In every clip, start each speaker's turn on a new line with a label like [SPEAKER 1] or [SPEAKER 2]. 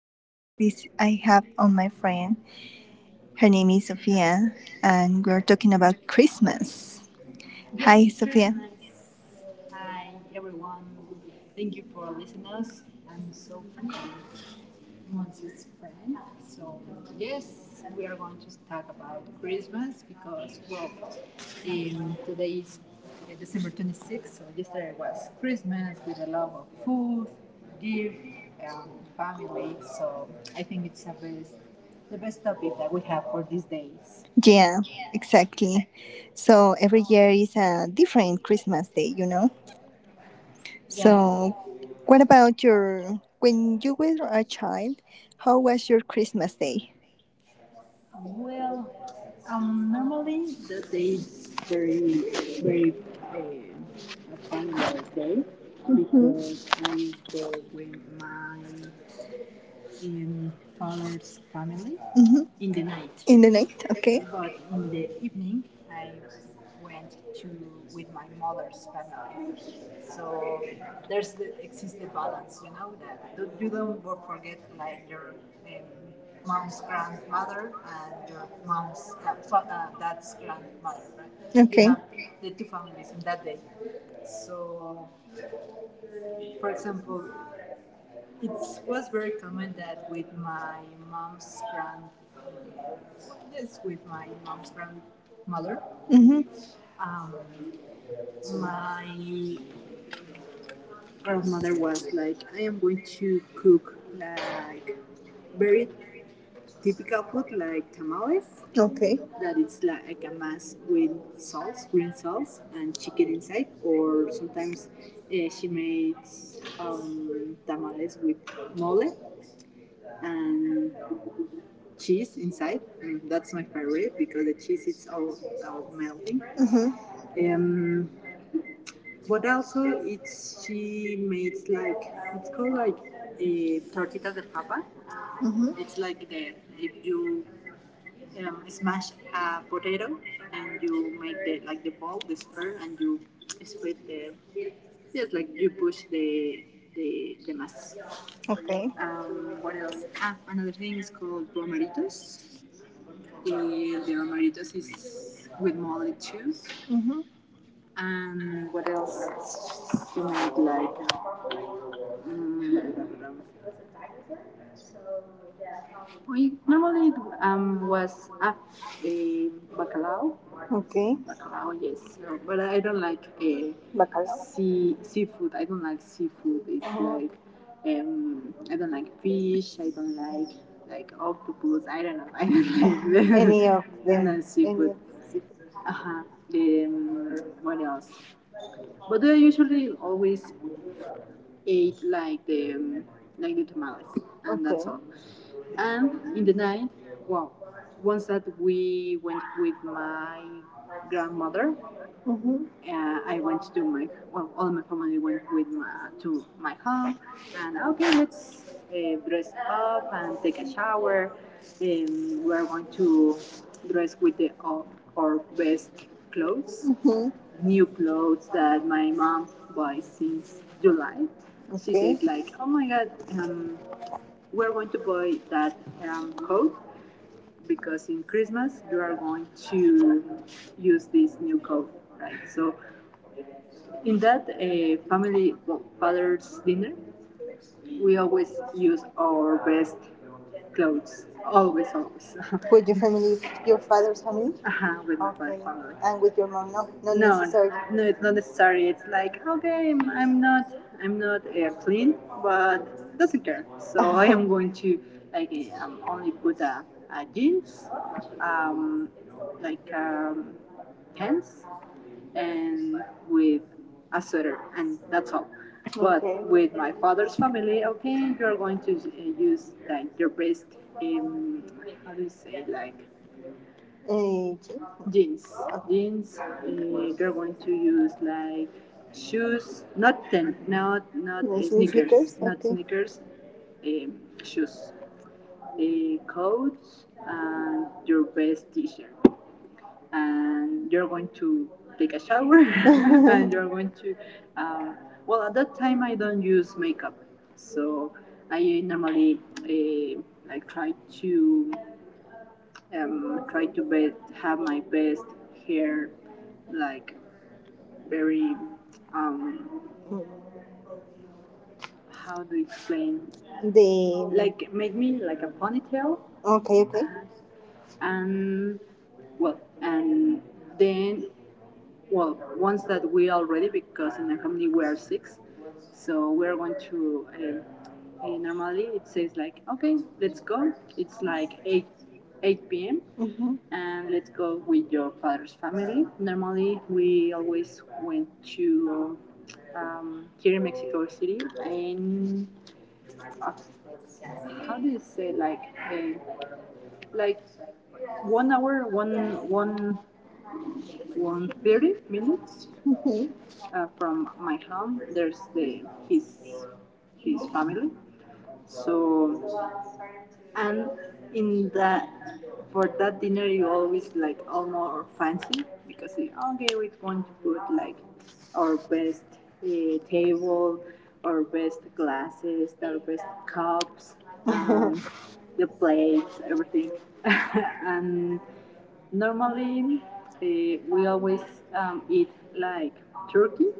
[SPEAKER 1] podcast. This I have on my friend. Her name is Sophia, and we're talking about Christmas. Hi, Sophia. Hi, everyone. Thank you for listening us. I'm Sophie, Monzi's friend. So, yes, we are going to talk about Christmas because, well, today is December 26th, so yesterday was Christmas with a lot of food, gift, um, family. So, I think it's the best topic that we have for these days. Yeah, exactly. So every year is a different Christmas day, you know. So, what about your when you were a child? How was your Christmas day? Well, normally the day is very a fun day. Mhm. Because I go with my in father's family. Mhm. In the night. In the night, okay. But in the evening, I went to with my mother's family. So there's exists the balance, you know, that you don't go forget like your um, mom's grandmother and your mom's dad's grandmother, right? You. Okay. You have the two families in that day. So, for example, it was very common that with my mom's grand, yes, with my mom's grandmother, hmm um, my grandmother was like, I am going to cook like very typical food like tamales. Okay. That it's like a mass with green sauce, and chicken inside, or sometimes she makes tamales with mole and cheese inside. And that's my favorite because the cheese is all melting. Mm-hmm. Um, but also, it's she makes like it's called like a tortitas de papa. Mm-hmm. It's like the if you smash a potato and you make the like the ball, the sphere, and you split the yes, like you push the mass. Okay. What else? Ah, another thing is called romeritos. The Romeritos is with molly too. Mhm. And what else do we make like? Um, we normally was a bacalao. Okay. Bacalao, yes. So, but I don't like a Bacalao. Seafood. I don't like seafood. It's uh-huh. like I don't like fish. I don't like octopus. I don't know. I don't like Any of I do them. seafood. Uh-huh. Um, what else? But I usually always eat like the tamales, and okay. that's Okay. all. And in the night, well, once that we went with my grandmother, Mm-hmm. I went to my well, all my family went with my, to my home, and okay, let's dress up and take a shower. We are going to dress with the all, our best clothes, Mm-hmm. new clothes that my mom buys since July. Okay. She Okay. said like, oh my god, um, we're going to buy that code because in Christmas you are going to use this new code, right? So in that family well, father's dinner, we always use our best clothes. Always, always. With your family, your father's family? Uh huh. with my Okay. father's family. And with your mom? No, not No, necessarily. No, it's not necessary. It's like okay, I'm not clean, but doesn't care. So I am going to like only put a jeans, um, like um, pants, and with a sweater, and that's all. But Okay. with my father's family, okay, you're going to use like your best, um, how do you say, like jeans? Jeans. You're going to use like shoes, not No, sneakers, not okay. sneakers. Shoes, coats, and your best T-shirt and you're going to take a shower and you're going to uh, well at that time I don't use makeup, so I normally like try to try to best have my best hair like very um, how do you explain The like make me like a ponytail, okay, okay. and well and then well, ones that we already, because in my family we are six, so we're going to. Normally it says like, okay, let's go. It's like eight p.m. and let's go with your father's family. Normally we always went to here in Mexico City and uh, how do you say uh, like 1 hour, one thirty minutes. Mhm. Uh, from my home. There's the his his family. So and in that for that dinner you always like all more fancy because okay we want to put like our best table, our best glasses, our best cups, the plates, everything, and Normally, eh, we always eat like turkey,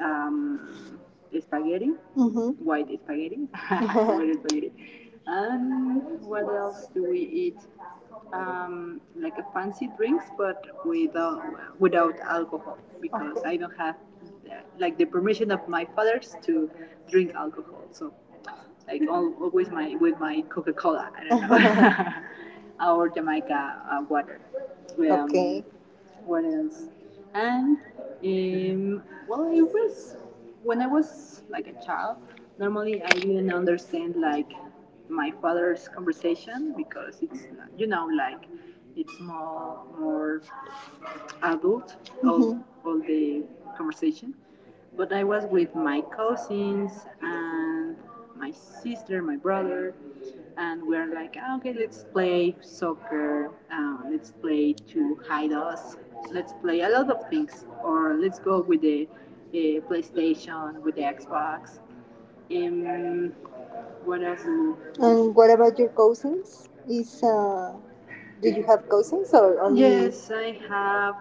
[SPEAKER 1] um, spaghetti, Mm-hmm. white spaghetti, white spaghetti. And what else do we eat? Like a fancy drinks, but without alcohol, because I don't have like the permission of my fathers to drink alcohol. So like always my with my Coca Cola. I don't know, or Jamaica water. Okay. What else? And um, well, it was when I was like a child. Normally, I didn't understand like my father's conversation because it's you know like it's more adult mm-hmm. All the conversation but I was with my cousins and my sister my brother and we are like "Ah, okay let's play soccer let's play to hide us, let's play a lot of things, or let's go with the uh, PlayStation with the Xbox um, what else. And what about your cousins? Is do you have cousins or only? Yes, I have.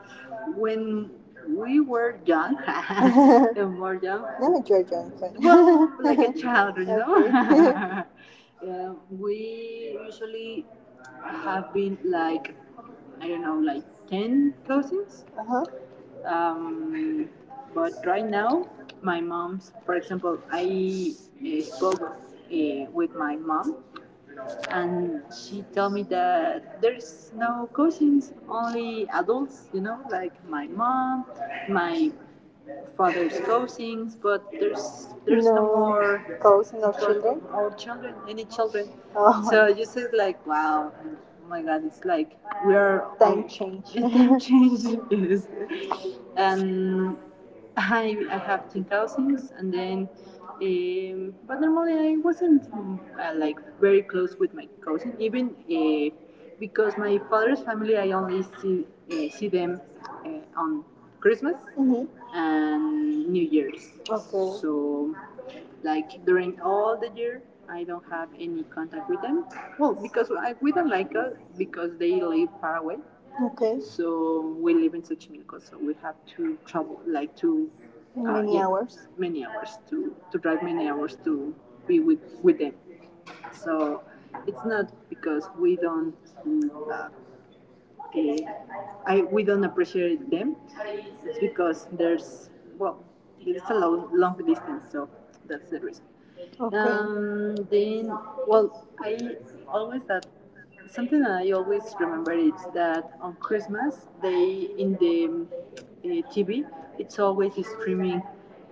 [SPEAKER 1] When we were young, and more young, No, you're young. well, like a child, you know. yeah, we usually have been like I don't know, like ten cousins. Uh-huh. Um, but right now, my mom's, for example, I spoke with my mom and she told me that there's no cousins, only adults, you know, like my mom, my father's cousins, but there's no, No. more Cousins or children? Or children, any children. Oh, So you said like, wow, oh my God, it's like we are time change. time change. Yes. Um, I have ten cousins, and then, but normally I wasn't like very close with my cousin, even because my father's family I only see see them uh, on Christmas, hmm, and New Year's. Okay. So, like during all the year, I don't have any contact with them. Well, because I, we don't like us because they live far away. Okay. So we live in Xochimilco, so we have to travel like to Many yeah. hours. Many hours to drive many hours to be with them. So it's not because we don't mm, uh, I we don't appreciate them, it's because there's well it's a long, long distance so that's the reason. Okay. Then, well, I always that something that I always remember is that on Christmas they in the TV it's always streaming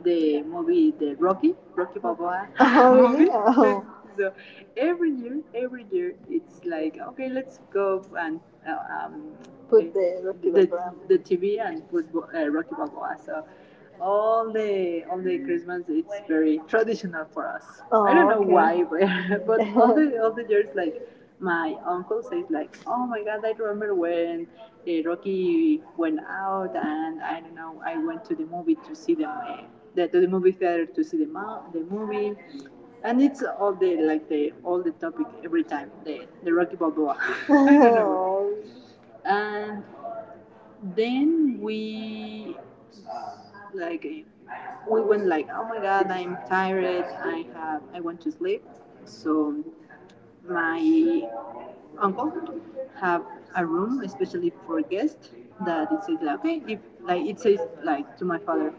[SPEAKER 1] the movie the Rocky Balboa Oh, really? Movie. Really? Oh. so every year it's like okay, let's go and uh, um, Put the Rocky the Balboa. The TV and put Rocky Balboa. So all the Christmas it's very traditional for us. Oh, I don't know okay. why, but, but all the all the years like my uncle says like, oh my god, I remember when Rocky went out and I don't know, I went to the movie to see the to the movie theater to see the movie. And it's all the like the all the topic every time the Rocky Balboa. I don't know. Oh, And then we like we went like oh my god I'm tired I want to sleep, so my uncle have a room especially for guests that it says like, okay if like it says like to my father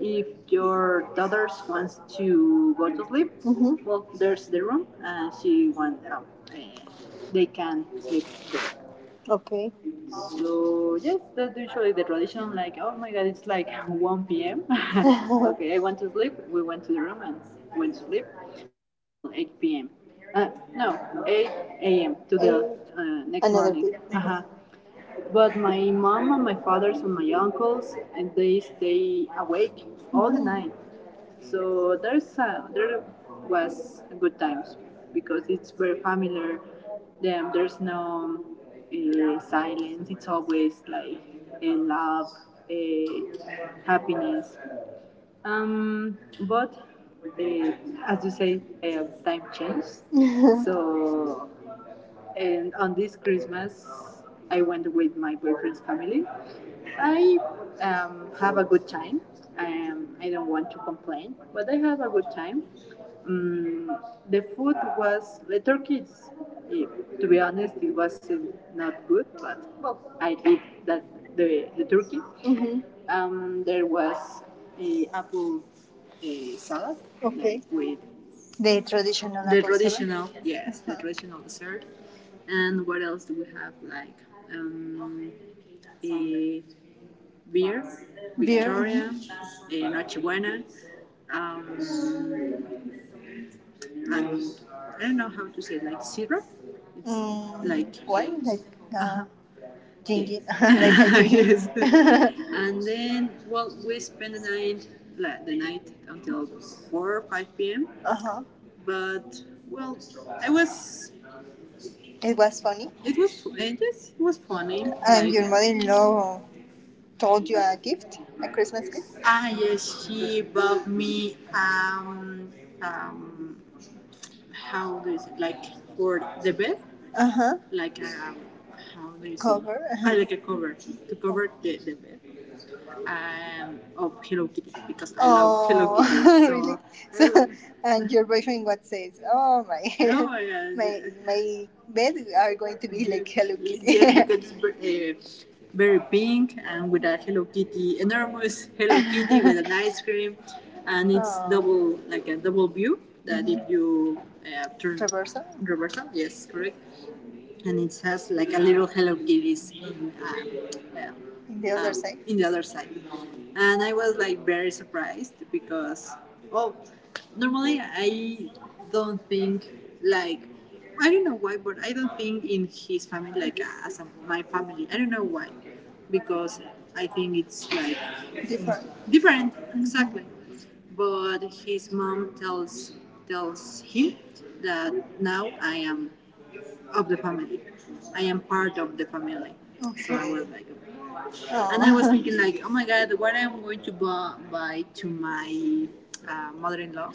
[SPEAKER 1] if your daughters wants to go to sleep. Mhm. Well there's the room and she wants uh, they can sleep there. Okay. So yes, that's usually the tradition. Like, oh my god, it's like 1 p.m. okay, I want to sleep. We went to the room and went to sleep until 8 p.m. Uh, no, 8 a.m. to the next Another morning. Day. Uh-huh. But my mom and my fathers and my uncles, and they stay awake all the night. So there's there was good times because it's very familiar. Then there's no silence. It's always like a love, a happiness. But uh, as you say, time changed. So and on this Christmas, I went with my boyfriend's family. I have a good time. I don't want to complain, but I have a good time. Mm, the food was the turkeys. eh, to be honest, it wasn't not good, but well, I ate that the turkey. Mm-hmm. There was a apple salad. Okay, like, with the traditional, the apple salad, traditional salad? Yes, the traditional dessert. And what else do we have, like um a beer Victoria, a noche, um and I don't know how to say, like, syrup. It's, mm, like why? Like, uh-huh, ginger, like a ginger. Yes. and then, well, we spend the night, like the night until four or five p.m. uh huh. But, well, I was it was funny. It was, it just was funny. And like- your mother-in-law told you a gift, a Christmas gift. Ah yes, she bought me um how do you say, like, for the bed. Uh huh. Like a, how do you say? Cover. Uh-huh. Ah, like a cover to cover the bed of Hello Kitty because I, oh, love Hello Kitty. Oh, so really? So, and your boyfriend what says? Oh my, oh my, my bed are going to be, yeah, like Hello Kitty. yeah, because it's very pink and with a Hello Kitty, enormous Hello Kitty with an ice cream, and it's, oh, double, like a double view that, mm-hmm, if you turn. Traversal. Reversal, yes, correct. And it has like a little Hello Kitties in the other side. In the other side. And I was like very surprised because, oh, normally I don't think, like, I don't know why, but I don't think in his family like, as a, my family. I don't know why. Because I think it's like, different. Different, exactly. But his mom tells, tells him that now I am of the family. I am part of the family. Okay. So I was like, oh, and I was thinking like, oh my god, what I'm going to buy to my mother-in-law.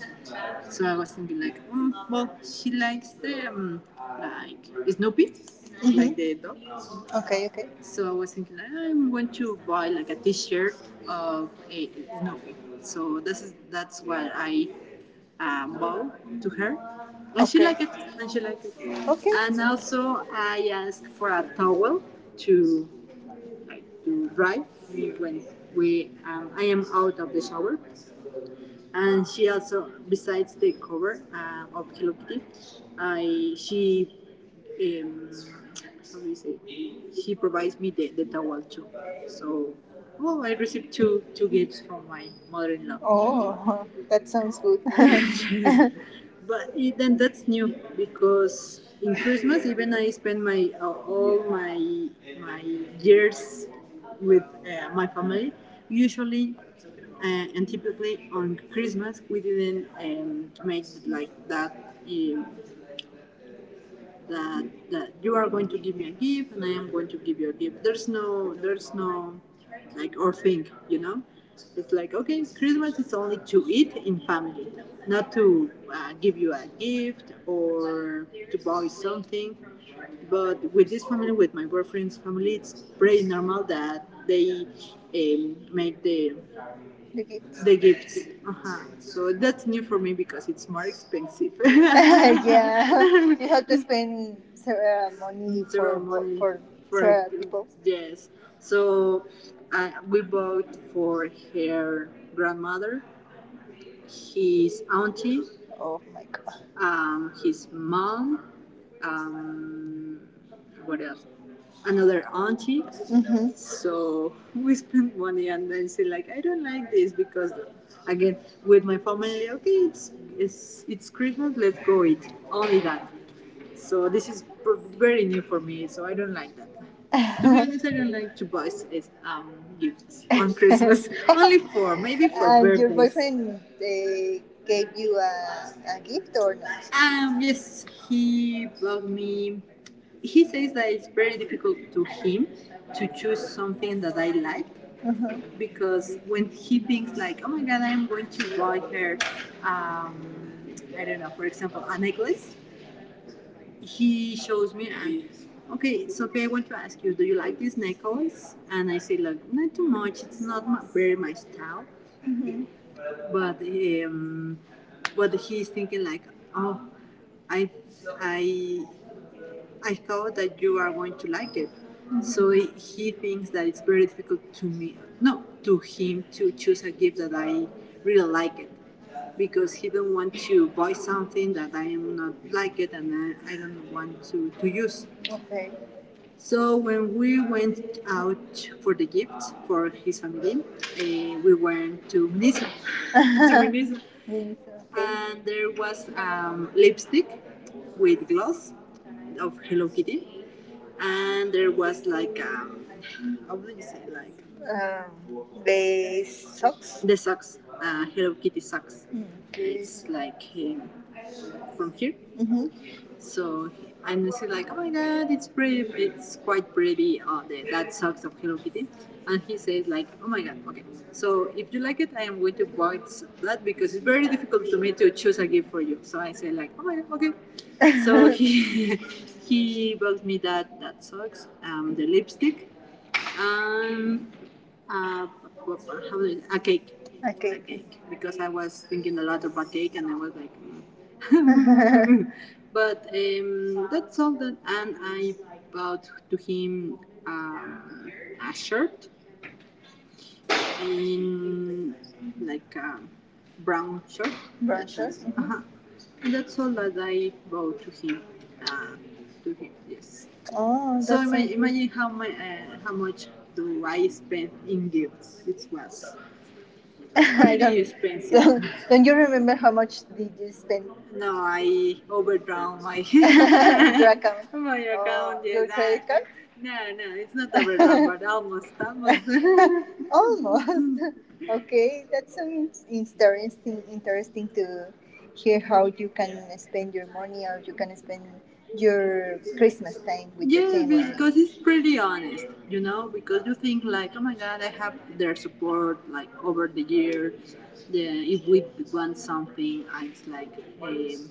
[SPEAKER 1] So I was thinking like, mm, well, she likes the like Snoopy. Mm-hmm. Like the dog. Okay, okay. So I was thinking like, I'm going to buy like a T-shirt of a Snoopy. So this is, that's what I bow to her, and, okay, she liked it. And she liked it. Okay. And also, I asked for a towel to to dry when we, I am out of the shower. And she also, besides the cover of Hello Kitty, I she um, how do you say? She provides me the towel too. So, well, I received two gifts from my mother-in-law. Oh, that sounds good. But then that's new because in Christmas even I spend my, all my years with my family. Usually and typically on Christmas we didn't make like that. That that you are going to give me a gift and I am going to give you a gift. There's no like or thing, you know. It's like, okay, Christmas is only to eat in family, not to give you a gift or to buy something. But with this family, with my boyfriend's family, it's pretty normal that they make the gifts. The gifts. Uh-huh. So that's new for me because it's more expensive. yeah, you have to spend several money for, ceremony for, for several people. Yes. So we bought for her grandmother, his auntie, oh my god, his mom, um, what else? Another auntie. Mm-hmm. So we spent money and then say like, I don't like this because, again, with my family, okay, it's, it's Christmas. Let's go eat only that. So this is very new for me. So I don't like that. The only things I don't like to buy is gifts on Christmas. Only for, maybe for. And your boyfriend gave you a gift or not? Yes, he bought me. He says that it's very difficult to him to choose something that I like. Uh-huh. Because when he thinks like, oh my god, I'm going to buy her, um, I don't know, for example, a necklace. He shows me and, okay, Sophie, I want to ask you, do you like this necklace? And I say, look, not too much. It's not my, very my style. But um, but he's thinking like, oh, I I I thought that you are going to like it. Mm-hmm. So he thinks that it's very difficult to me, no, to him to choose a gift that I really like it because he don't want to buy something that I am not like it and I don't want to use. Okay. So when we went out for the gift for his family, we went to Niso. to Niso. Yes, okay. And there was lipstick with gloss of Hello Kitty. And there was like, how do you say, like, the socks, the socks, Hello Kitty socks. Mm, okay. It's like, from here. Mm-hmm. So, and you see like, oh my god, it's brave, it's quite bravey on the that socks of Hello Kitty, and he says like, oh my god, okay. So if you like it, I am going to buy that because it's very difficult to me to choose a gift for you. So I say like, oh my god, okay. So he, he bought me that socks, the lipstick, um, how do you- a cake. A, okay, cake. Because I was thinking a lot about cake and I was like, mm. but that's all that. And I bought to him um, a shirt in like a brown shirt. Brown shirt. Uh-huh. That's all that I bow to him. Uh, to him, yes. Oh, so that's so, imagine, imagine how my, how much do I spend in gifts? It was, I don't, expensive. don't you remember how much did you spend? No, I overdrawn my, your account? My account. Oh, yes, your credit card? No, no, it's not overdrawn, but almost, almost. Almost. Okay, that's some interesting to hear how you can spend your money or you can spend your Christmas thing with, yeah, your team. Yeah, because it's pretty honest, you know, because you think like, oh my god, I have their support like over the years. Yeah, if we want something, I'm like, um,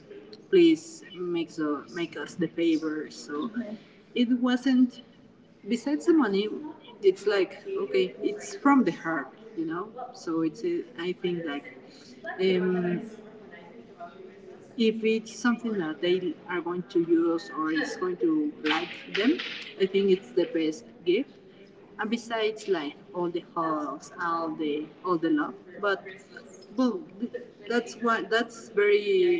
[SPEAKER 1] please make, so make us the favor. So mm-hmm, it wasn't. Besides the money, it's like, okay, it's from the heart, you know. So it's a, I think like um, if it's something that they are going to use or it's going to like them, I think it's the best gift. And besides, like all the hugs, all the love, but well, that's what, that's very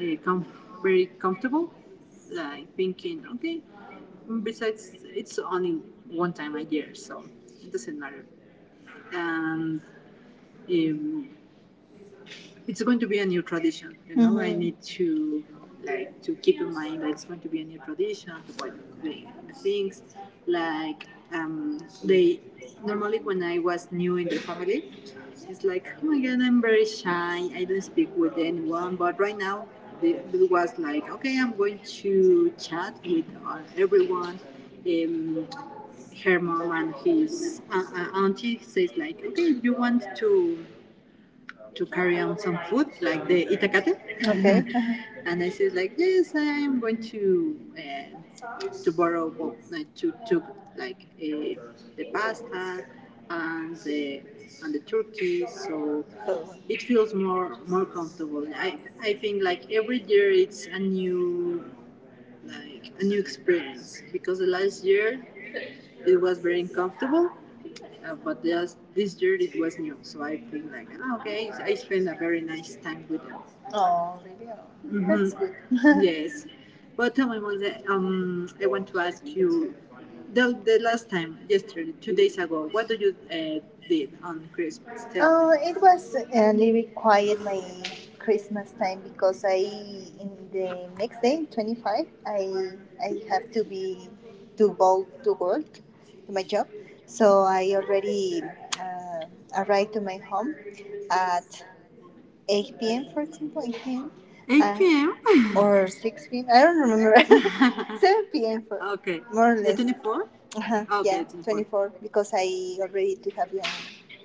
[SPEAKER 1] uh, com- very comfortable. Like thinking, okay. Besides, it's only one time a year, so it doesn't matter. And um, it's going to be a new tradition, you know. Mm-hmm. I, mhm, need to like to keep in mind that it's going to be a new tradition to what the things like, um, they normally, when I was new in the family, it's like, oh my god, I'm very shy, I don't speak with anyone, but right now it was like, okay, I'm going to chat with uh, everyone. um, Her mom and his auntie says like, okay, you want to carry on some food, like the itacate. Okay. And I said like, yes, I am going to borrow, well, like, to like, the pasta and the and the turkey, so it feels more comfortable. I think like every year it's a new, like a new experience because the last year it was very uncomfortable, but this year it was new, so I think like, "Ah, okay, I spent a very nice time with them." Oh, really? Oh, that's, mhm, good. yes, but tell me, Monse, I want to ask you. The last time, yesterday, 2 days ago, what do you did on Christmas? Tell, oh, me. It was a little quiet, my Christmas time because I, in the next day, 25, I have to be, to go to work, to my job. So I already uh, arrived to my home at 8 p.m., for example, 8 p.m. 8, p.m. Or 6 p.m. I don't remember. 7 p.m. for, okay, more or less. 24? Uh-huh. Okay, yeah, 24. 24 because I already do have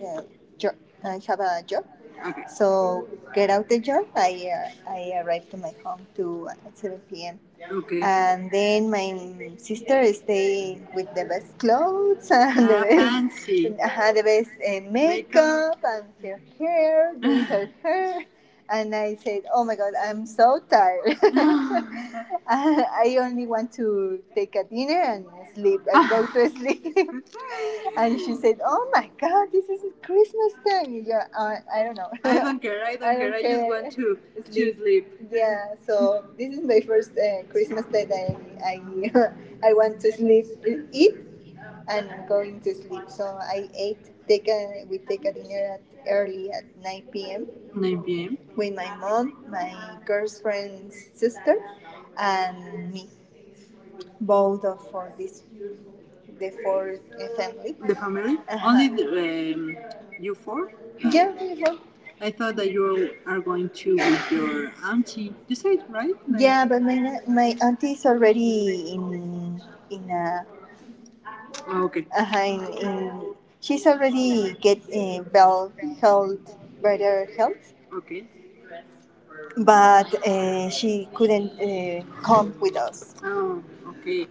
[SPEAKER 1] a job. I have a job. Okay. So get out the job. I, I arrived to my home to, at 7 p.m. Okay. And then my sister stay with the best clothes and best, fancy. The best makeup and her hair, doing her hair. And I said, oh my God, I'm so tired. I only want to take a dinner and sleep and go to sleep. And she said, "Oh my God, this is Christmas time." You are I don't know. I don't care. I don't, I don't care. Don't I just want to sleep. To sleep. Yeah. So this is my first Christmas that I I want to sleep, eat, and going to sleep. So I ate. Take a we take a dinner at early at 9 p.m. 9 p.m. with my mom, my girlfriend's sister, and me. Both of for this the four family. The family? Uh-huh. Only the you four? Yeah, we four. I thought that you are going to with your auntie. You said right? Like- yeah, but my auntie is already in a Oh, okay. In She's already get well health, better health. Okay. But she couldn't come with us. Oh, okay.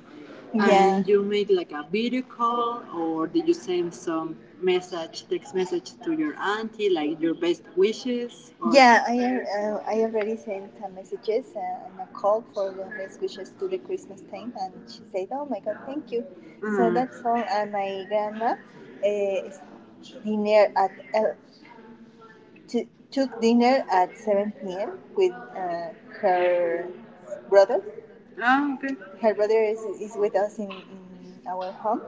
[SPEAKER 1] Yeah. And you make like a video call or did you send some message, text message to your auntie, like your best wishes or yeah, I already sent messages and a call for the best wishes to the Christmas time, and she said, "Oh my God, thank you." Mm. So mm, that's all. And my grandma dinner at El t- took dinner at 7 p.m. with her brother. Ah, okay. Her brother is with us in our home.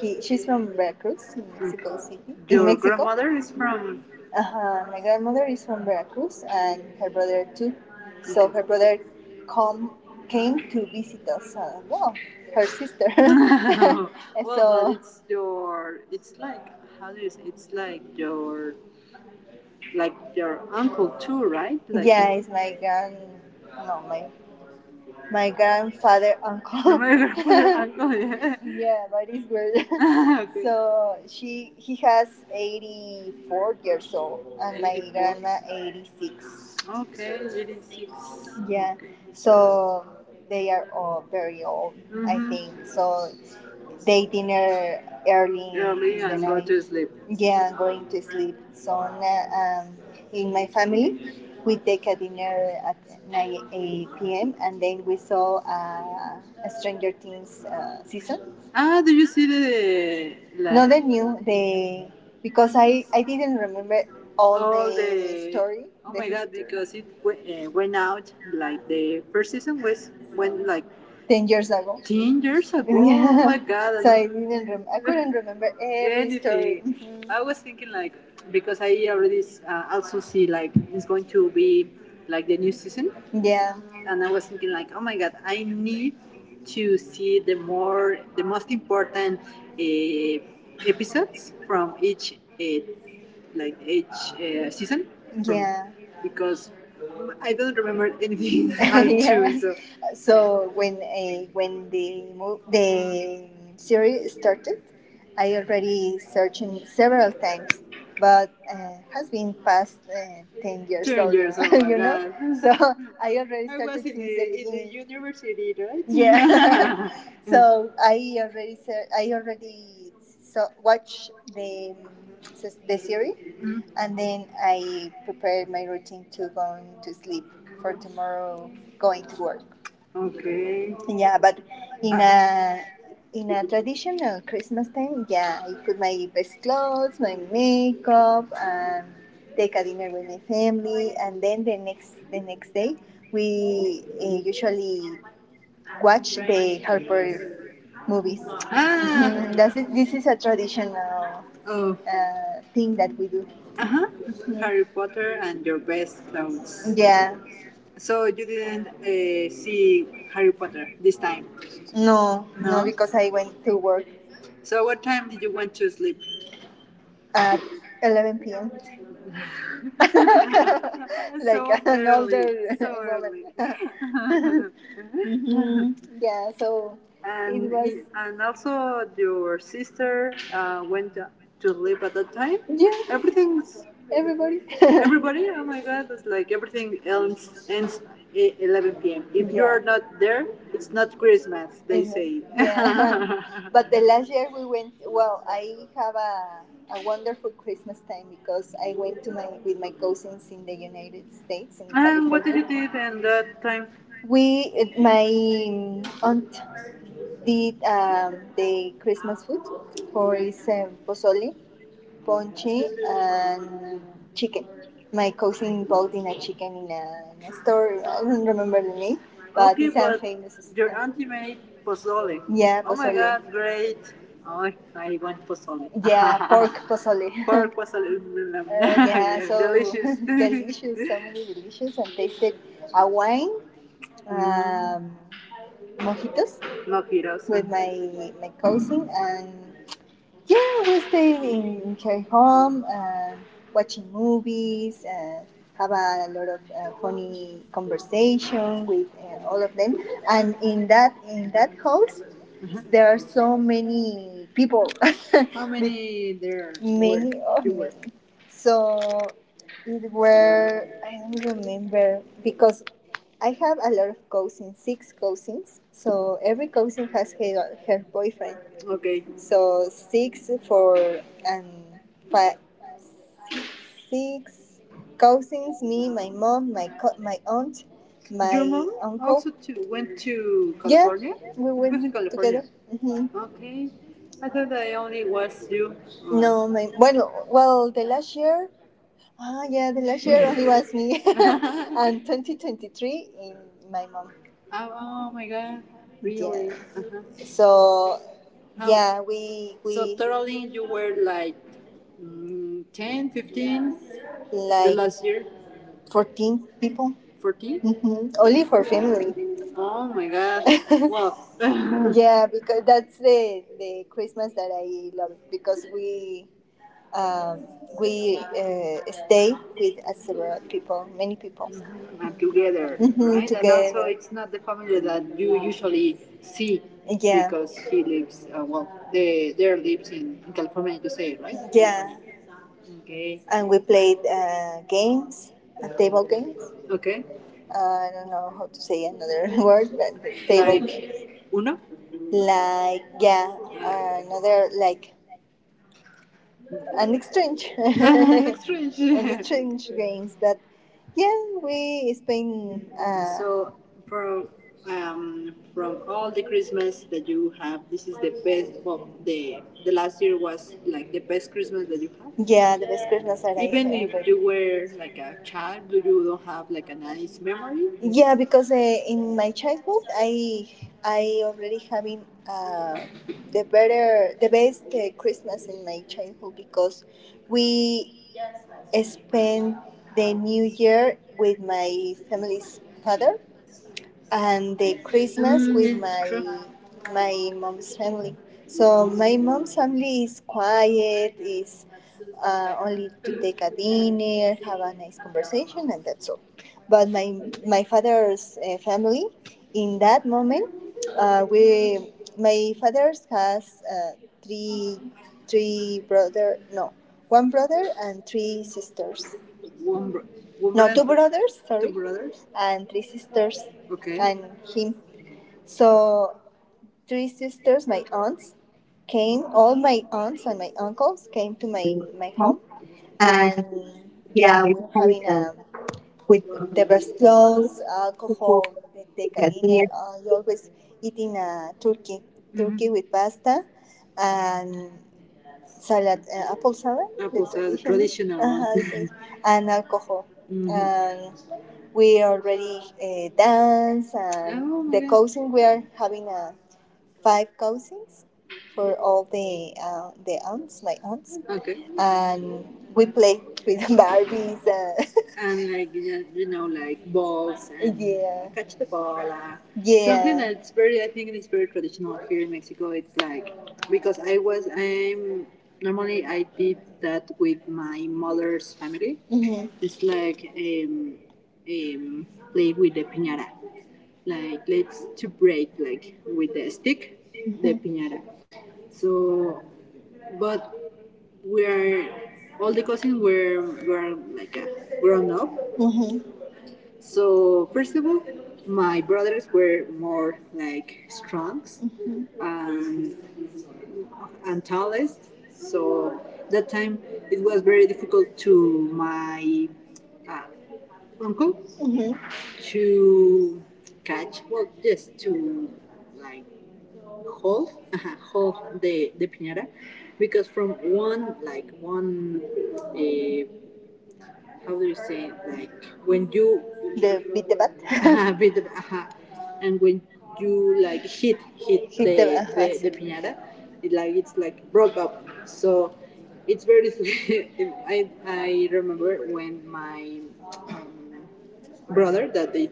[SPEAKER 1] She's from Veracruz, in Mexico, okay, City. Your Mexico grandmother is from. Uh-huh. My grandmother is from Veracruz and her brother too. Okay. So her brother come came to visit us. Well, her sister. Well, so but it's your. It's like, how do you say? It's like your uncle too, right? Like- yeah, it's my grand, no, my grandfather uncle. My grandfather, uncle, yeah. Yeah, but it's weird. Okay. So she he has 84 years old, and my grandma 86. Okay, 86. Is six. Yeah, okay. So they are all very old, mm-hmm. I, mhm, think. So they dinner early. Early in the, and go to sleep. Yeah, going to sleep. So in my family, we take a dinner at 9 p.m. and then we saw a Stranger Things season. Ah, do you see the, like, no, the new, the because I didn't remember all story. Oh the my history. God! Because went out, like, the first season was went like 10 years ago. 10 years ago. Yeah. Oh my god. So I didn't. I couldn't remember any story. Anything. I was thinking like, because I already also see like it's going to be like the new season. Yeah. And I was thinking like, oh my god, I need to see the most important episodes from each like each season. From- yeah. Because I don't remember anything. I, yeah, so, so when the series started, I already searching several times, but has been past 10 years. Ten old, years, old, you know. So I was started was in since the in the beginning. University, right? Yeah. So I already watch the series, mm. And then I prepared my routine to going to sleep for tomorrow going to work. Okay. Yeah, but in Uh, a in a traditional Christmas time, yeah, I put my best clothes, my makeup, and take a dinner with my family, and then the next day we usually watch the Harper movies. Ah. Mhm, that's it. This is a traditional, oh, thing that we do. Uh huh. Mm-hmm. Harry Potter and your best clothes. Yeah, so you didn't see Harry Potter this time. No, no. No? Because I went to work. So what time did you went to sleep? At 11 p.m. Like, so an older early, older, so woman. Early. Mhm. Yeah, so, and it was. And also your sister went to live at that time. Yeah, everything's everybody. Everybody. Oh my God! It's like everything ends 11 p.m. If yeah, you, yeah, are not there, it's not Christmas. They, mhm, say. Yeah. But the last year we went, well, I have a wonderful Christmas time because I went to my with my cousins in the United States and California. What did you do in that time? We, my aunt did, the Christmas food for is, pozole, ponche, and chicken. My cousin bought in a chicken in a store. I don't remember the name, but okay, it's but a famous. Your auntie made pozole. Yeah, pozole. Oh my god, great. Oh, I want pozole. Yeah, pork pozole. Pork pozole, remember. Yeah, so delicious. Delicious, so many delicious, and tasted a wine. Um, mojitos. Mojitos. With my cousin and yeah we stayed in her home and watching movies and have a lot of funny conversation with all of them and in that house, uh-huh, there are so many people. How many there? Many of them, so it were, I don't remember because I have a lot of cousins, 6 cousins. So every cousin has her boyfriend. Okay. So six for and five, 6 cousins. Me, my mom, my aunt, my, your mom uncle. Also to, went to, yeah, California? Yeah, we was in, went to California together. Mhm. Okay. I thought that only was you. Oh. No, my bueno, well, the last year, ah, yeah, the last year only was me. And 2023 in my mom. Oh, oh my god, really? Yeah. Uh-huh. So, how- yeah, we, we. So totally you were like, mm, 10, 15, like, the like last year, 14 people. 14? Hmm. Only for family. Oh my god, wow. Yeah, because that's the Christmas that I love because we, um, we, stay with several people, many people. Mm-hmm. And together, mhm, right, together. And also, it's not the family that you usually see. Yeah, because he lives, well, they there lives in California, you say, right? Yeah, okay. And we played games, table games. Okay. I don't know how to say another word, but table, like, uno? Like, yeah, another like an exchange an exchange. An exchange games that, yeah, we spend so from, from all the Christmas that you have, this is the best. Well, the last year was like the best Christmas that you have. Yeah, the best Christmas that I, even ever- if ever. You were like a child, do you don't have like a nice memory? Yeah, because in my childhood, I already having the best Christmas in my childhood because we spent the New Year with my family's father and the Christmas with my mom's family. So my mom's family is quiet, is, only to take a dinner, have a nice conversation, and that's all. But my father's family, in that moment, we my father's has three, three brother no one brother and three sisters. One, bro- one no brother- Two brothers, sorry, two brothers. And three sisters. Okay. And him. So three sisters, my aunts, came. All my aunts and my uncles came to my
[SPEAKER 2] Com.
[SPEAKER 1] home,
[SPEAKER 2] And
[SPEAKER 1] and
[SPEAKER 2] yeah,
[SPEAKER 1] yeah,
[SPEAKER 2] we
[SPEAKER 1] we are having
[SPEAKER 2] decided
[SPEAKER 1] a
[SPEAKER 2] we were
[SPEAKER 1] with
[SPEAKER 2] going to
[SPEAKER 1] diverse
[SPEAKER 2] explore
[SPEAKER 1] clothes,
[SPEAKER 2] before
[SPEAKER 1] alcohol, they
[SPEAKER 2] we
[SPEAKER 1] take
[SPEAKER 2] had
[SPEAKER 1] a
[SPEAKER 2] any
[SPEAKER 1] dinner. You always eating a turkey, turkey, mm-hmm, with pasta, and salad, apple salad. Apple salad, traditional, traditional one. And alcohol. Mhm. And we already dance and oh my The God. cousin, we are having a 5 cousins for all the aunts, my aunts, okay, and we play with Barbies. And like you know, like balls and yeah, catch the ball. Something, yeah, that's very, I think, it's very traditional here in Mexico. It's like, because I was, I'm normally I did that with my mother's family. Hmm. It's like, um, play with the piñata, like let's to break like with the stick, mm-hmm, the piñata. So, but we're all the cousins were like grown up. Mhm. So first of all, my brothers were more like strong, mm-hmm, and tallest. So that time it was very difficult to my, uh, uncle, mhm, To catch, well, yes, to like hold, hold the piñata, because from one, like one, uh, how do you say, like when you... The beat, the bat. With the and when you like hit the piñata, it like it's like broke up, so it's very... I remember when my um, brother that they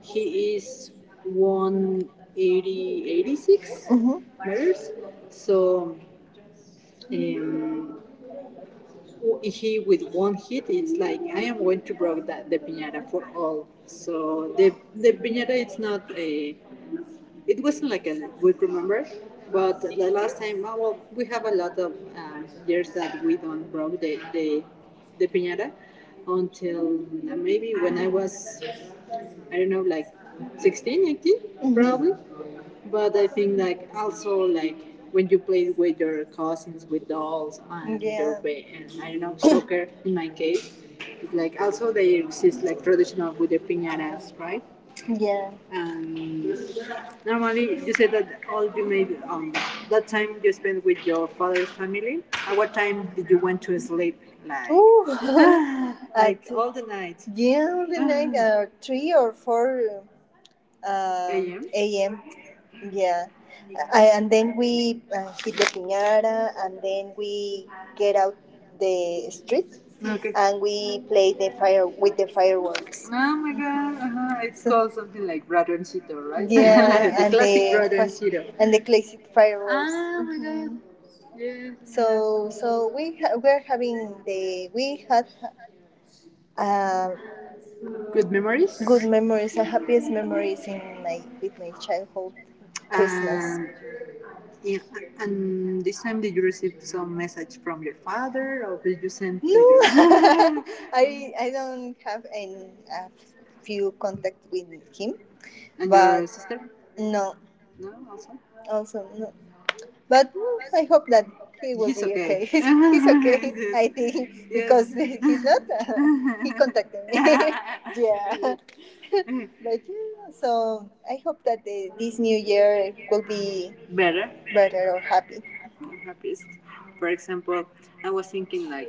[SPEAKER 1] he is 180 86 mm-hmm. meters, so um, he with one hit it's like I am going to break that the piñata for all, so the piñata it's not a it wasn't like a good remember. But the last time, well, we have a lot of years that we don't broke the piñata, until maybe when I was, I don't know, like 16, 18, mm-hmm. probably. But I think like also like when you play with your cousins with dolls and... Yeah. And I don't know, soccer in my case, it's like also they exist like traditional with the piñatas, right? Yeah. And normally you said that all you made, that time you spent with your father's family. At what time did you went to sleep? Like... Ooh. Like all the night. Yeah, all the night, three or four AM. Yeah, and then we hit the piñata, and then we get out the street. Okay. And we play the fire with the fireworks. Oh my god, uh-huh. It's so, called something like Bradoncito, right? Yeah, the and classic Bradoncito. And the classic fireworks. Oh my god. Yeah. So we're having the we had, uh, Good memories? Good memories and happiest memories in my with my childhood. Christmas. And, yeah, and this time, did you receive some message from your father, or did you send? No, I don't have any, few contact with him. And but your sister? No, no, also. Also no. But I hope that he's be okay. Okay. He's okay. I think, yes, because, yeah, he's not, he contacted me. Yeah. But yeah, so I hope that this new year will be Better. Better or happy. I'm happy. For example, I was thinking like,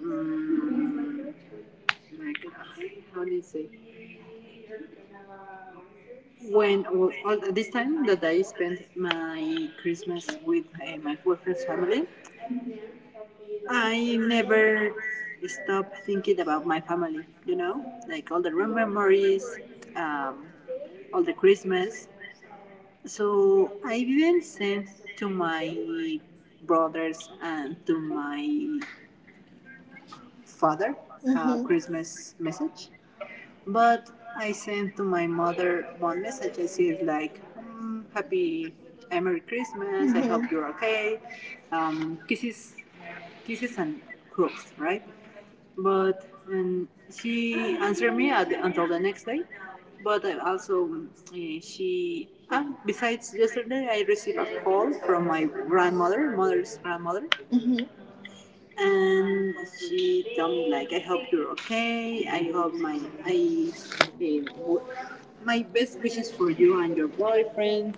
[SPEAKER 1] mm, like, how do you say? When all this time that I spent my Christmas with, my boyfriend's family, I never stopped thinking about my family. You know, like all the memories, um, all the Christmas. So I even sent to my brothers and to my father a... Mhm. Christmas message, but I sent to my mother one message. I said like, "Happy, Merry Christmas! Mm-hmm. I hope you're okay. Um, kisses, kisses and hugs, right?" But and she answered me until the next day. But I also, she, besides yesterday, I received a call from my grandmother, mother's grandmother. Mhm. And she told me like, I hope you're okay. I hope eh, my best wishes for you and your boyfriend.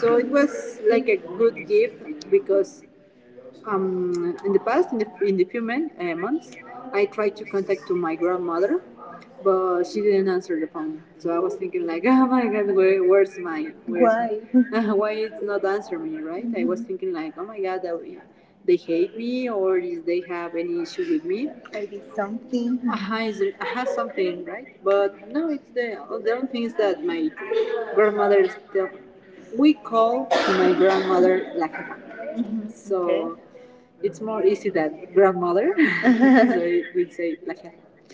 [SPEAKER 1] So it was like a good gift because, in the past, in the few months, I tried to contact to my grandmother, but she didn't answer the phone. So I was thinking like, oh my god, where's... Why? why it's not answer me, right? Mm-hmm. I was thinking like, oh my god, they hate me, or is they have any issue with me? Maybe something. Aha, is something, right? But no, it's the only thing is that my grandmother. Still, we call my grandmother La Jefa. So... Okay. It's more easy than grandmother. So it would say la jefa.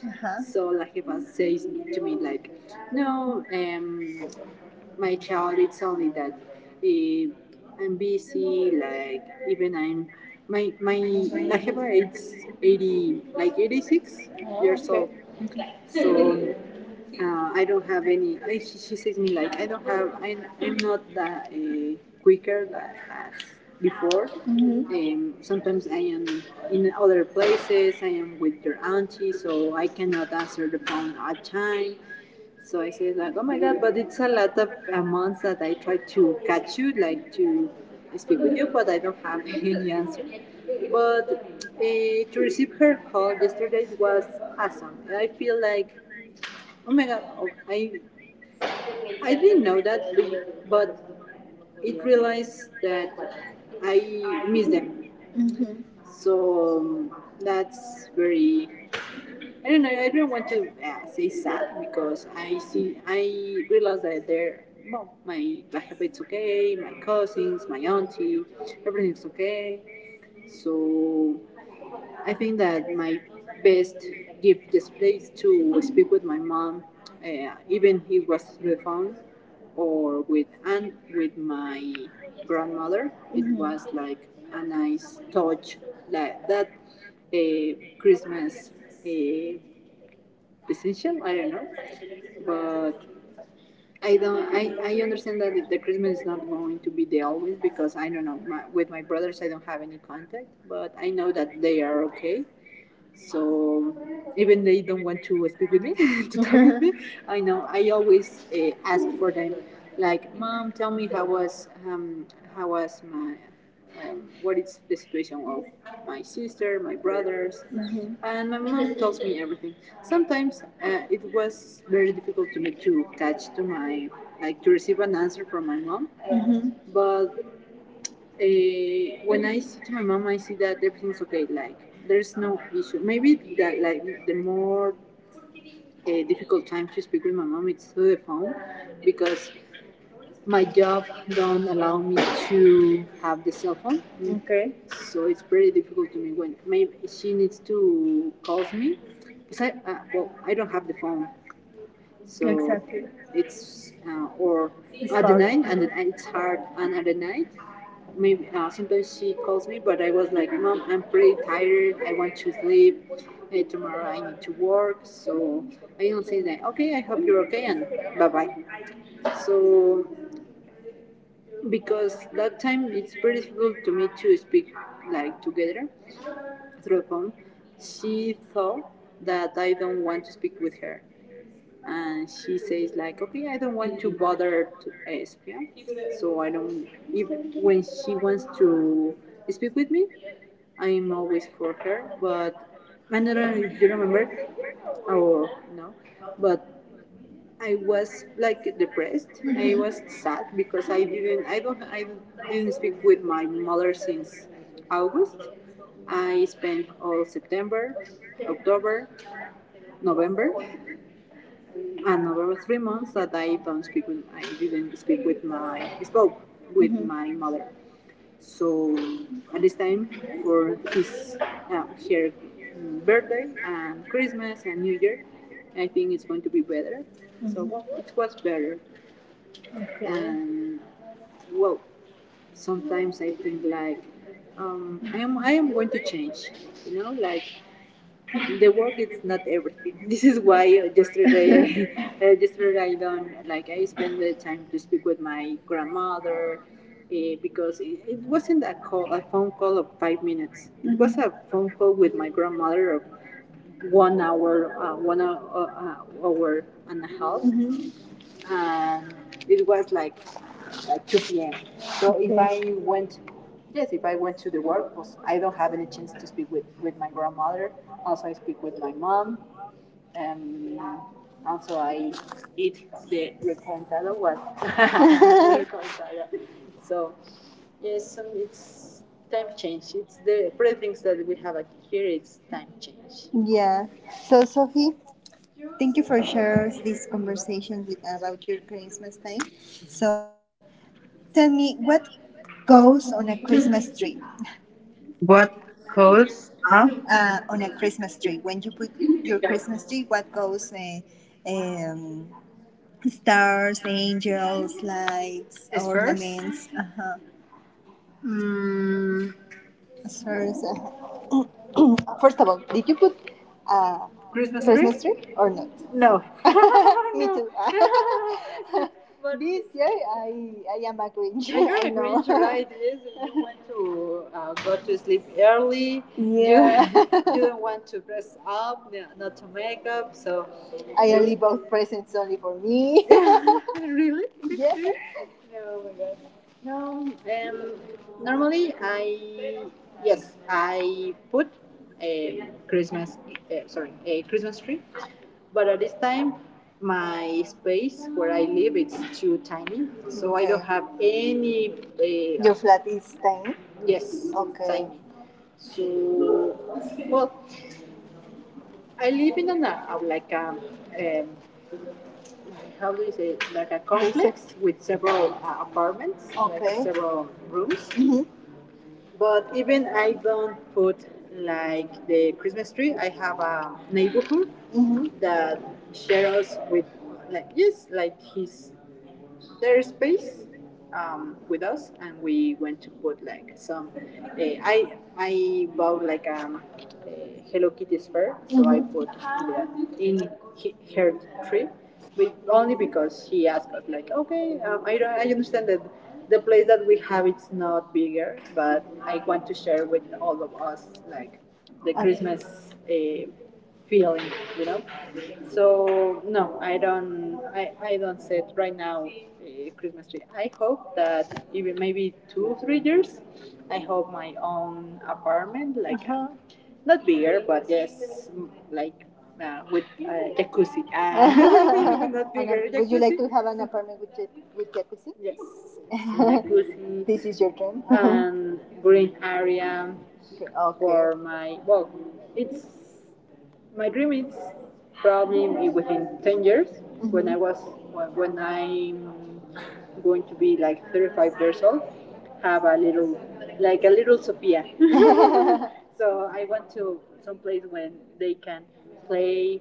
[SPEAKER 1] Uh-huh. So la jefa says to me like, no, my child, it's only that, eh, I'm busy. Like even I'm my la jefa is 80 like 86 years old. So, I don't have any. She says me like I don't have. I'm not that, quicker that as before. Mm-hmm. Sometimes I am in other places. I am with their auntie, so I cannot answer the phone at time. So I say like, oh my god, but it's a lot of, months that I try to catch you, like to speak with you, but I don't have any answer. But, to receive her call yesterday was awesome. I feel like, oh my god, oh, I didn't know that, but it realized that I miss them. Hmm. So, that's very... I don't know. I don't want to, say sad, because I see. I realize that they're, well, my it's okay. My cousins, my auntie, everything's okay. So I think that my best gift is place to speak with my mom, even if it was through the phone, or with and with my grandmother. It... Mhm. was like a nice touch, like that, uh, Christmas, uh, essential. I don't know, but I don't. I understand that the Christmas is not going to be there always, because I don't know. With my brothers, I don't have any contact, but I know that they are okay, so even they don't want to speak with me, to talk with me, I know I always, ask for them, like, "Mom, tell me how was, how was my, what is the situation of my sister, my brothers?" Mhm. And my mom tells me everything. Sometimes, it was very difficult to me to catch to my, like to receive an answer from my mom. Mhm. But, when I see to my mom, I see that everything's okay. Like there's no issue. Maybe that like the more, difficult time to speak with my mom, it's through the phone, because my job don't allow me to have the cell phone. Okay. So it's pretty difficult to me when maybe she needs to call me. Cause well, I don't have the phone. So... Exactly. It's, or... It's at hard. The night and it's hard and at the night. Maybe, sometimes she calls me, but I was like, "Mom, I'm pretty tired. I want to sleep. Hey, tomorrow I need to work." So I don't say that. Okay, I hope you're okay, and bye bye. So because that time it's pretty difficult to me to speak, like together through a phone. She thought that I don't want to speak with her, and she says like, "Okay, I don't want to bother to ask." Yeah. So I don't... even when she wants to speak with me, I'm always for her, but I don't know if you remember or no, but I was like depressed. I was sad because I didn't speak with my mother since August. I spent all September, October, November, and November, 3 months that I didn't speak with my spoke with mm-hmm. my mother. So at this time for his her birthday and Christmas and New Year, I think it's going to be better. Mm-hmm. So, well, it was better. Okay. And, well, sometimes I think like, I am going to change, you know, like the work is not everything. This is why, yesterday, yesterday I don't like I spent the time to speak with my grandmother, because it wasn't a call, a phone call of 5 minutes. It was a phone call with my grandmother of 1 hour, 1 hour, hour and a half, mm-hmm. And it was like two p.m. So if I went... Yes, if I went to the work, I don't have any chance to speak with my grandmother. Also, I speak with my mom. Um, also, I eat the recantada one. So, yes, it's time change. It's the pretty things that we have here. It's time change. Yeah. So, Sophie, thank you for sharing this conversation with about your Christmas time. So, tell me what
[SPEAKER 2] exposed.
[SPEAKER 1] goes on a Christmas tree.
[SPEAKER 2] What
[SPEAKER 1] What
[SPEAKER 2] pose?
[SPEAKER 1] goes
[SPEAKER 2] Huh?
[SPEAKER 1] up, on a Christmas tree. When you put your Christmas tree, what goes? Um, stars, angels, lights, ornaments, uh-huh. Mm, spheres, uh-huh. First of all, did you put a Christmas tree or not? No. Me... No. too. But this year, I am a Grinch. You're I a know. Grinch, right? Yes, you want to, go to sleep early. Yeah. You, you don't want to dress up, not to make up. So I only bought presents only for me. Really, yeah. No. Oh my god. No, um, normally I... yes, I put a Christmas, sorry, a Christmas tree, but at this time my space where I live it's too tiny. So okay. I don't have any. Your flat is tiny. Yes. Okay. Tiny. So, well, I live in an, like a, um, how do you say it? Like a complex with several apartments. Okay, like several rooms. Mhm. But even I don't put like the Christmas tree. I have a neighborhood, mm-hmm, that shares with, like, yes, like his, their space, with us, and we went to put like some. I bought like a Hello Kitty sphere, so I put Julia in her tree, but only because he asked us like, okay, I understand that the place that we have it's not bigger, but I want to share with all of us like the, okay, Christmas uh, feeling, you know. So no, I don't. I don't set right now a Christmas tree. I hope that even maybe 2 or 3 years, I hope my own apartment, like not bigger, but yes, like, with jacuzzi. Ah, not bigger. Would you like to have an apartment with with jacuzzi? Yes, jacuzzi, this is your dream. And green area. Okay. Okay, for my, well. It's, my dream is probably within 10 years, mm-hmm. when I was, when I'm going to be like 35 years old, have a little, like a little Sophia. So I went to some place when they can play,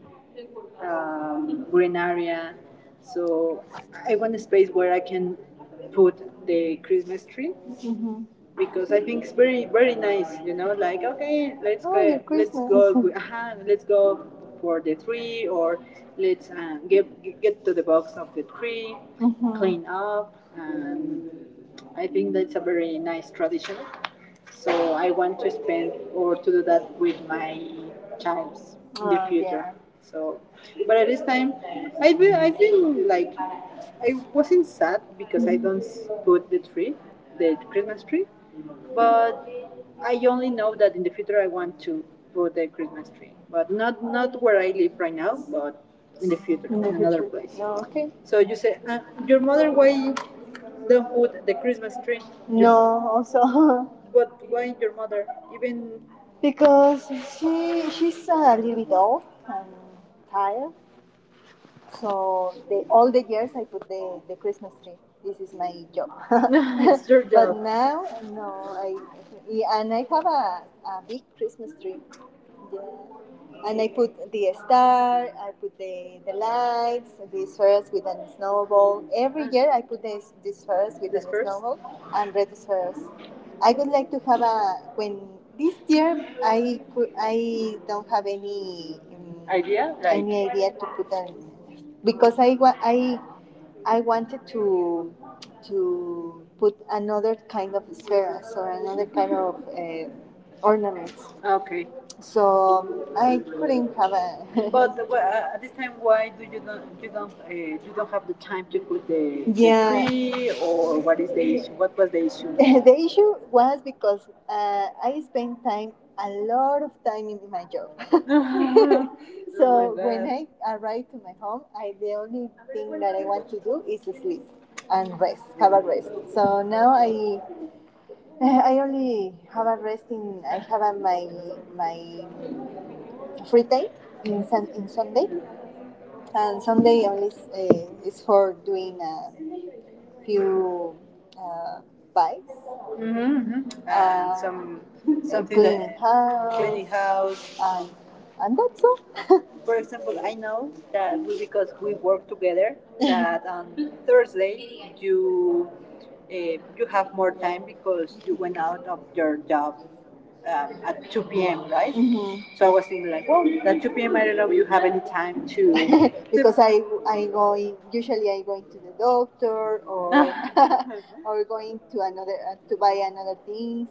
[SPEAKER 1] green area. So I want a space where I can put the Christmas tree, mhm, because I think it's very very nice. You know, like okay, let's, oh, go, let's go, uh-huh, let's go for the tree, or let's get to the box of the tree, mhm, clean up, and I think that's a very nice tradition. So I want to spend or to do that with my child in the, oh, future. Yeah. So, but at this time, I feel like I wasn't sad because I don't put the tree, the Christmas tree, but I only know that in the future I want to put a Christmas tree, but not where I live right now, but in the future. In the, in another future, place. No, okay. So you say, your mother, why don't put the Christmas tree? No, your, also. But why your mother? Even because she, she's a little bit old and tired, so the, all the years I put the Christmas tree. This is my job. It's your job. But now, no, I, yeah, and I have a big Christmas tree. Yeah. And I put the star, I put the lights, the spheres with a snowball. Every year I put the spheres with a snowball and red spheres. I would like to have a, when this year I could, I don't have any, idea? Like, any idea to put an, because I I wanted to put another kind of spheres or another kind of ornaments. Okay. So I couldn't have a. But at this time, why do you don't, you don't have the time to put the, yeah, the, yeah, tree, or what is the issue? What was the issue? The issue was because I spent time, a lot of time in my job. Uh-huh. So when I arrive to my home, I, the only thing that I want to do is sleep and rest, have a rest. So now I, I only have a rest in, I have a, my free day in sun, in Sunday, and Sunday only is for doing a few uh, buys, mm-hmm. And some, some, something cleaning house, cleaning house, and that's all. For example, I know that we, because we work together, that on, Thursday you uh, you have more time because you went out of your job at 2 p.m. Right? Mm-hmm. So I was thinking like, well, at 2 p.m. I don't know if you have any time to. Because to... I going usually I go to the doctor, or or going to another, to buy another things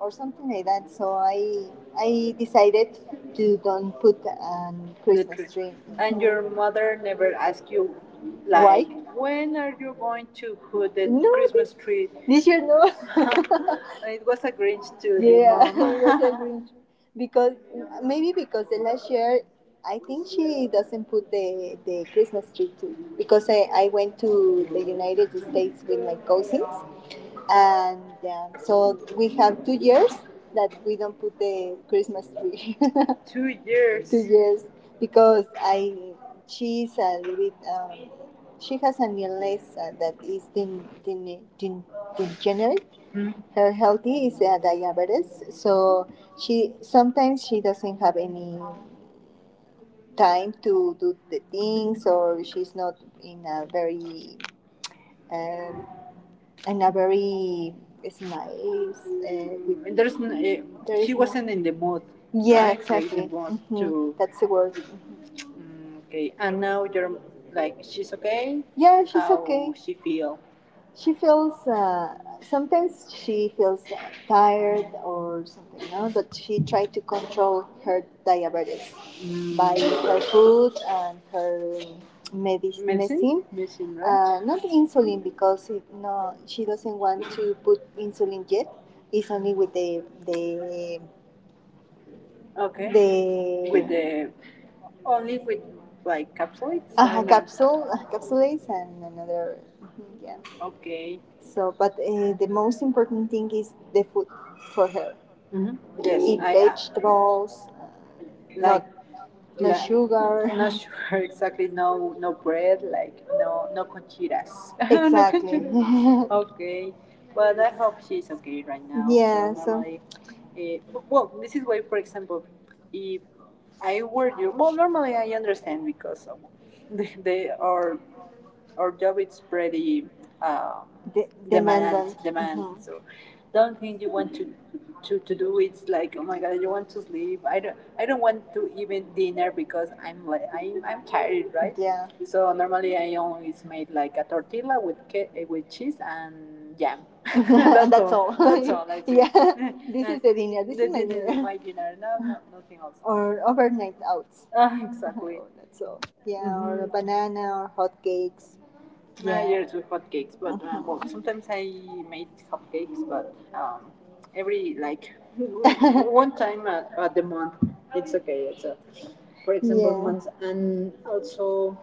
[SPEAKER 1] or something like that. So I decided to don't put a Christmas tree. And your mother never asked you, why? Like, why? When are you going to put the, no, Christmas tree? This year, no. It was a Grinch too. Yeah, it was a Grinch. Because maybe because the last year. I think she doesn't put the Christmas tree too because I went to the United States with my cousins, and so we have 2 years that we don't put the Christmas tree. 2 years. 2 years because I, she's a little bit she has an illness that is den, degenerate. Mhm. Her healthy is diabetes, so she, sometimes she doesn't have any time to do the things, or she's not in a very uh, and a very nice. And there's there is she wasn't in the mood. Yeah, right, to eat the, exactly, mood, mhm, to, that's the word. Mm, okay, and now you're like she's okay? Yeah, she's, how okay, she feel. She feels, sometimes she feels tired or something, no? But she tried to control her diabetes, mm, by her food and her medicine. Medicine, right? Not insulin because it, no, she doesn't want to put insulin yet. It's only with the, okay, the, with the, only with like capsules? Capsule, capsules and another, mhm, yeah. Okay. So, but the most important thing is the food for her. Hmm. Yes, eat, I, vegetables, like not, no like, sugar. I'm not sure exactly. No, no bread, like, no, no conchitas. No, exactly. No conchitas. Okay, but I hope she's okay right now. Yeah. So normally, so well, this is why, for example, if I warn you. Well, normally I understand because of, the, they are, our job it's pretty demandant. Demand. Mhm. So the only thing you want to, to do is like, oh my god, you want to sleep. I don't want to even dinner because I'm tired, right? Yeah. So normally I always make like a tortilla with with cheese and jam. That's, that's all. All, that's all, that's, yeah. This, is the dinner. This is my is dinner. Is my dinner, no, no nothing else. Or overnight outs. Ah, exactly. That's all. Yeah. Mhm. Or banana or hot cakes. Yeah. Yeah, yeah, do hotcakes, but well, sometimes I made cupcakes, but every like, one time at the month, it's okay. It's a, for example, yeah, months, and also,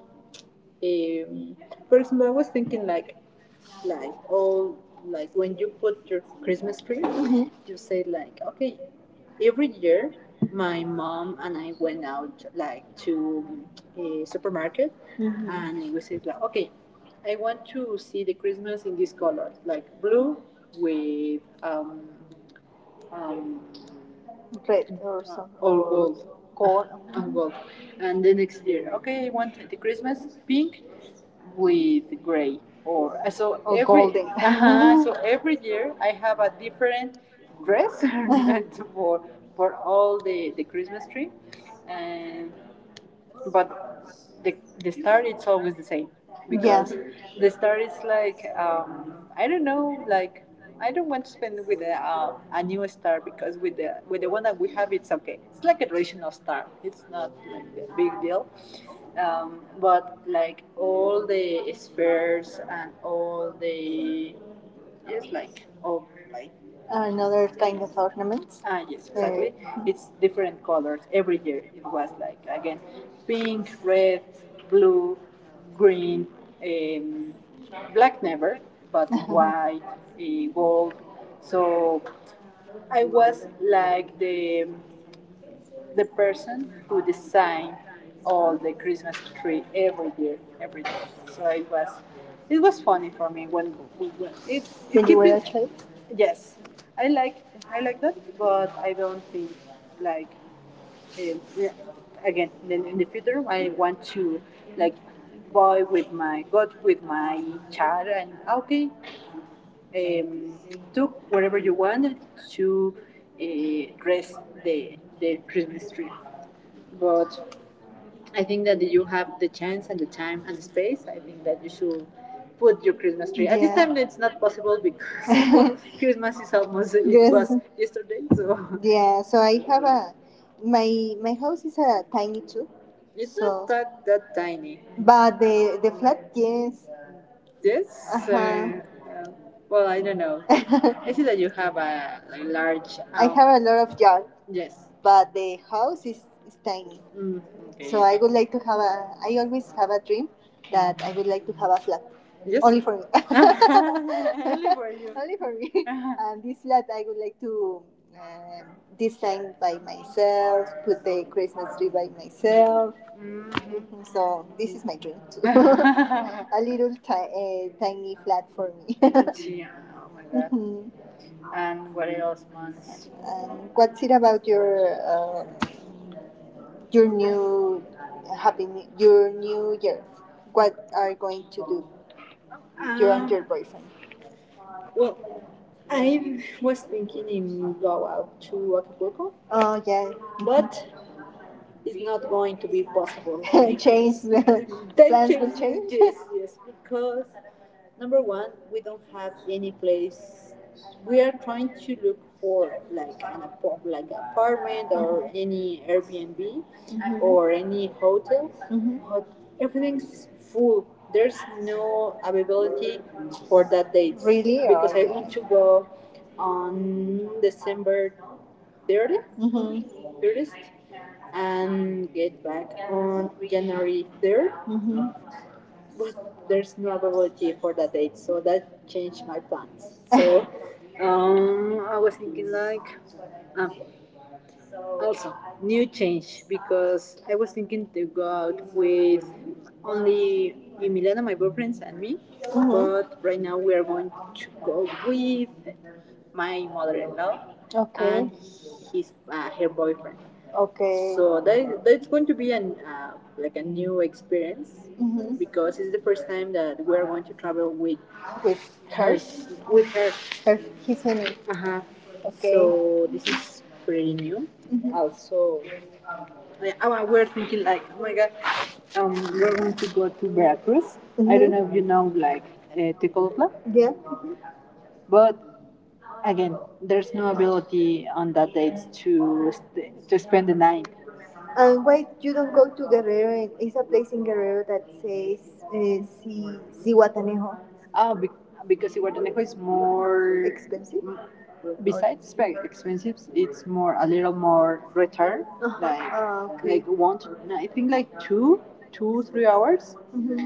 [SPEAKER 1] um, for example, I was thinking like all, like when you put your Christmas tree, mhm, you say like, okay, every year, my mom and I went out like to a supermarket, mhm, and we said like, okay, I want to see the Christmas in this color, like blue with um, red or something, or gold. Gold. And gold. And the next year, okay, I want the Christmas pink with gray, or so, or every, golden. Uh-huh, so every year I have a different dress for for all the Christmas tree, and, but the the star it's always the same because, yes, the star is like I don't know like. I don't want to spend with a new star because with the, with the one that we have it's okay. It's like a traditional star. It's not like a big deal, but like all the spheres and all the, yes, like all, like, another kind of ornaments. Ah yes, exactly. It's different colors every year. It was like again, pink, red, blue, green, um, black never, but white, gold. So I was like the, the person who designed all the Christmas tree every year, every day. So it was funny for me when we went. It, when keep you were a child? Yes, I like, I like that, but I don't think like, yeah, again in the future I want to, like, buy with my, go with my child and, ah, okay, um, do whatever you want to, dress the Christmas tree. But I think that you have the chance and the time and the space. I think that you should put your Christmas tree. Yeah. At this, yeah, time, it's not possible because Christmas is almost, yes, it was yesterday. So yeah, so I have a, my house is a tiny too, it's, so, not that that tiny. But the flat, yes, this, uh-huh, well, I don't know. I see that you have a like, large house. I have a lot of yard, yes. But the house is tiny. Mm, okay. So I would like to have a. I always have a dream that I would like to have a flat, yes, only for me. Only for you. Only for me. Uh-huh. And this flat I would like to um design by myself, put the Christmas tree by myself. Mm-hmm. So this is my dream too. A little tiny flat for me. Yeah, oh my god. Mhm. And what else, months? And what's it about your new happy new, your new year? What are you going to do? You and your boyfriend. Well, I was thinking in go out to Acapulco, oh yeah, but it's not going to be possible. change plans will change. Yes, yes, because number one, we don't have any place. We are trying to look for like an apart, like apartment or any Airbnb, mm-hmm, or any hotel, mm-hmm, but everything's full. There's no availability for that date. Really? Because I want to go on December 30th, mhm, 30th, and get back on January 3rd. Mhm. But there's no availability for that date, so that changed my plans. So I was thinking like, um, also new change, because I was thinking to go out with only Emiliana, my boyfriend, and me. Mm-hmm. But right now we are going to go with my mother-in-law, okay, and his her boyfriend. Okay. So that is, that's going to be an like a new experience, mhm, because it's the first time that we are going to travel with her, with her. Her, his family. Uh-huh. Okay. So this is pretty new. Mm-hmm. Also, I, we're thinking like, oh my god, we're going to go to Veracruz. Mm-hmm. I don't know if you know like Tecolutla, yeah, but again, there's no ability on that date to to spend the night. And wait, you don't go to Guerrero. It's a place in Guerrero that says Cihuatanejo. Oh, be- because Iguatanejo is more. Expensive? Besides very expensive, it's more a little more return. Uh-huh. Like, ah, okay, like one, to, no, I think like two, 2 3 hours. Mhm.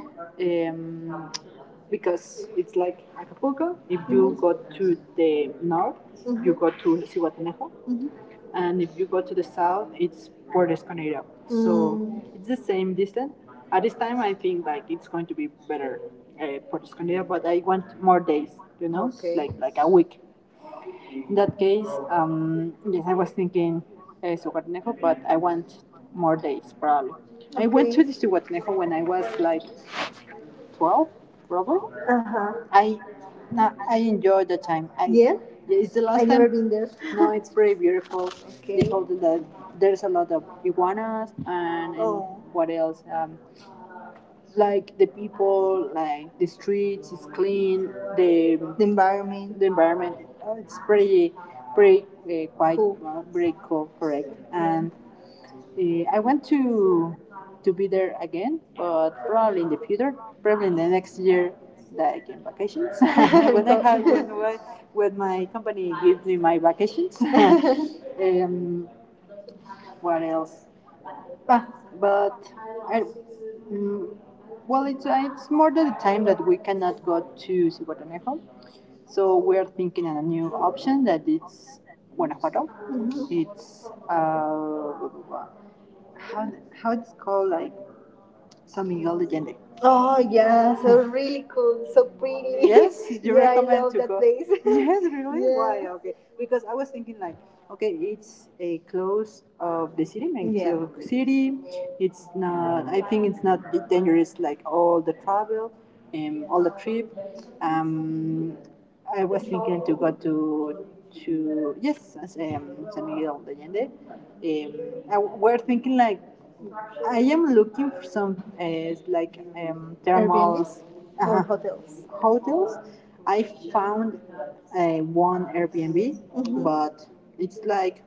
[SPEAKER 1] Um, because it's like Acapulco. If you, mm-hmm, go to the north, mhm, you go to Cihuatanejo, mhm, and if you go to the south, it's Puerto Escondido. Mm-hmm. So it's the same distance. At this time, I think like it's going to be better Puerto Escondido, but I want more days. You know, okay, like a week. In that case, yes, I was thinking Sugarnejo, but I want more days probably. I went to, okay, the Sugarnejo when I was like 12, probably. Uh huh. I, no, I enjoyed the time. I, yeah, yeah, it's the last I last never been there. No, it's very beautiful. They, okay, they told that there's a lot of iguanas and Oh. what else? Like the people, like the streets is clean, the environment. The environment it's pretty pretty quite, cool, pretty cool, correct. And I want to be there again, but probably in the future, probably in the next year that I get vacations when I have when my company gives me my vacations. um, what else? Ah, but I, mm, well, it's more than the time that we cannot go to Zihuatanejo. So we are thinking on a new option that it's Guanajuato. Mhm. It's how how it's called like Sami Holiday. Oh yeah, so really cool, so pretty. Yes, you yeah, I recommend I love to that go place. Yes, really? Yeah. Why? Yes. Okay, because I was thinking like, okay, it's a close of the city, yeah, Mexico, yeah, City. It's not. I think it's not dangerous like all the travel, and all the trip. Um, I was thinking to go to yes, as, San Miguel de Allende. I, we're thinking like I am looking for some like thermal Airbnbs or hotels. Hotels. I found uh, one Airbnb, mhm, but it's like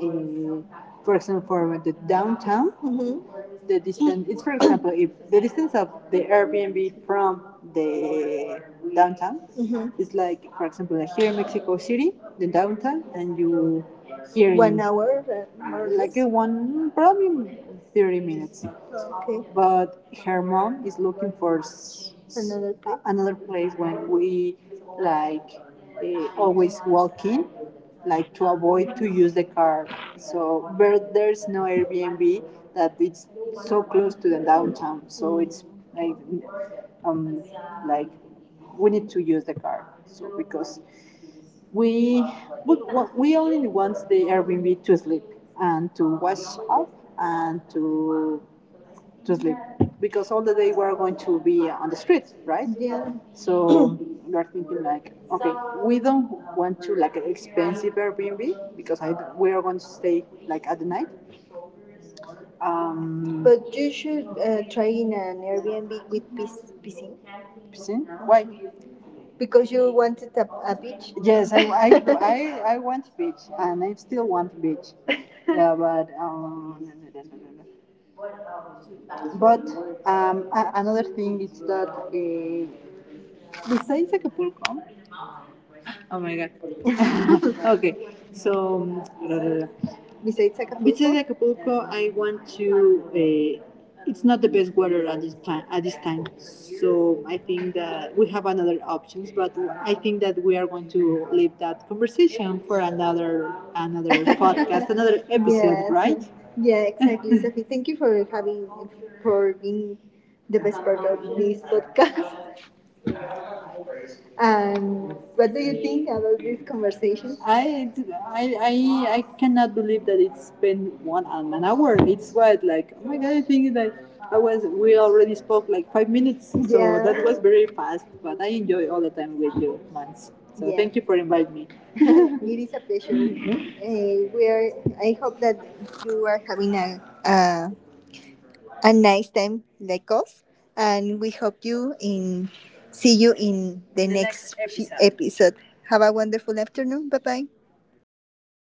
[SPEAKER 1] in, for example, the downtown, hmm, the distance. It's for example, if the distance of the Airbnb from the downtown hmm is like, for example, like here in Mexico City, the downtown, and you here one in hour, uh, like one probably 30 minutes. Okay. But her mom is looking for another place. Another place when we like always walk in like to avoid to use the car. So but there's no Airbnb that it's so close to the downtown. So it's like um like we need to use the car. So because we but we only want the Airbnb to sleep and to wash up and to sleep because all the day we're going to be on the street, right? Yeah. So you're thinking like, okay, we don't want to like an expensive Airbnb because I, we are going to stay like at the night. But you should try in an Airbnb with piscine. Piscine? Why? Because you wanted a beach. Yes, I, I want beach and I still want beach. Yeah, but no, no, no, no, no. No. But another thing is that besides Acapulco, oh my god, okay, so uh, besides Acapulco. Besides Acapulco, I want to. It's not the best weather at this time. At this time, so I think that we have another options. But I think that we are going to leave that conversation for another podcast, another episode, yes, right? Yeah, exactly, Sophie. Thank you for having for being the best part of this podcast. And what do you think about this conversation? I cannot believe that it's been one and an hour. It's what like, oh my god! I think that I was we already spoke like 5 minutes, so yeah, that was very fast. But I enjoy all the time with you, Mans. So yeah, thank you for inviting me. It is a pleasure. Mm-hmm. We are. I hope that you are having a nice time like us and we hope you in see you in the, next, episode. Episode have a wonderful afternoon. Bye bye.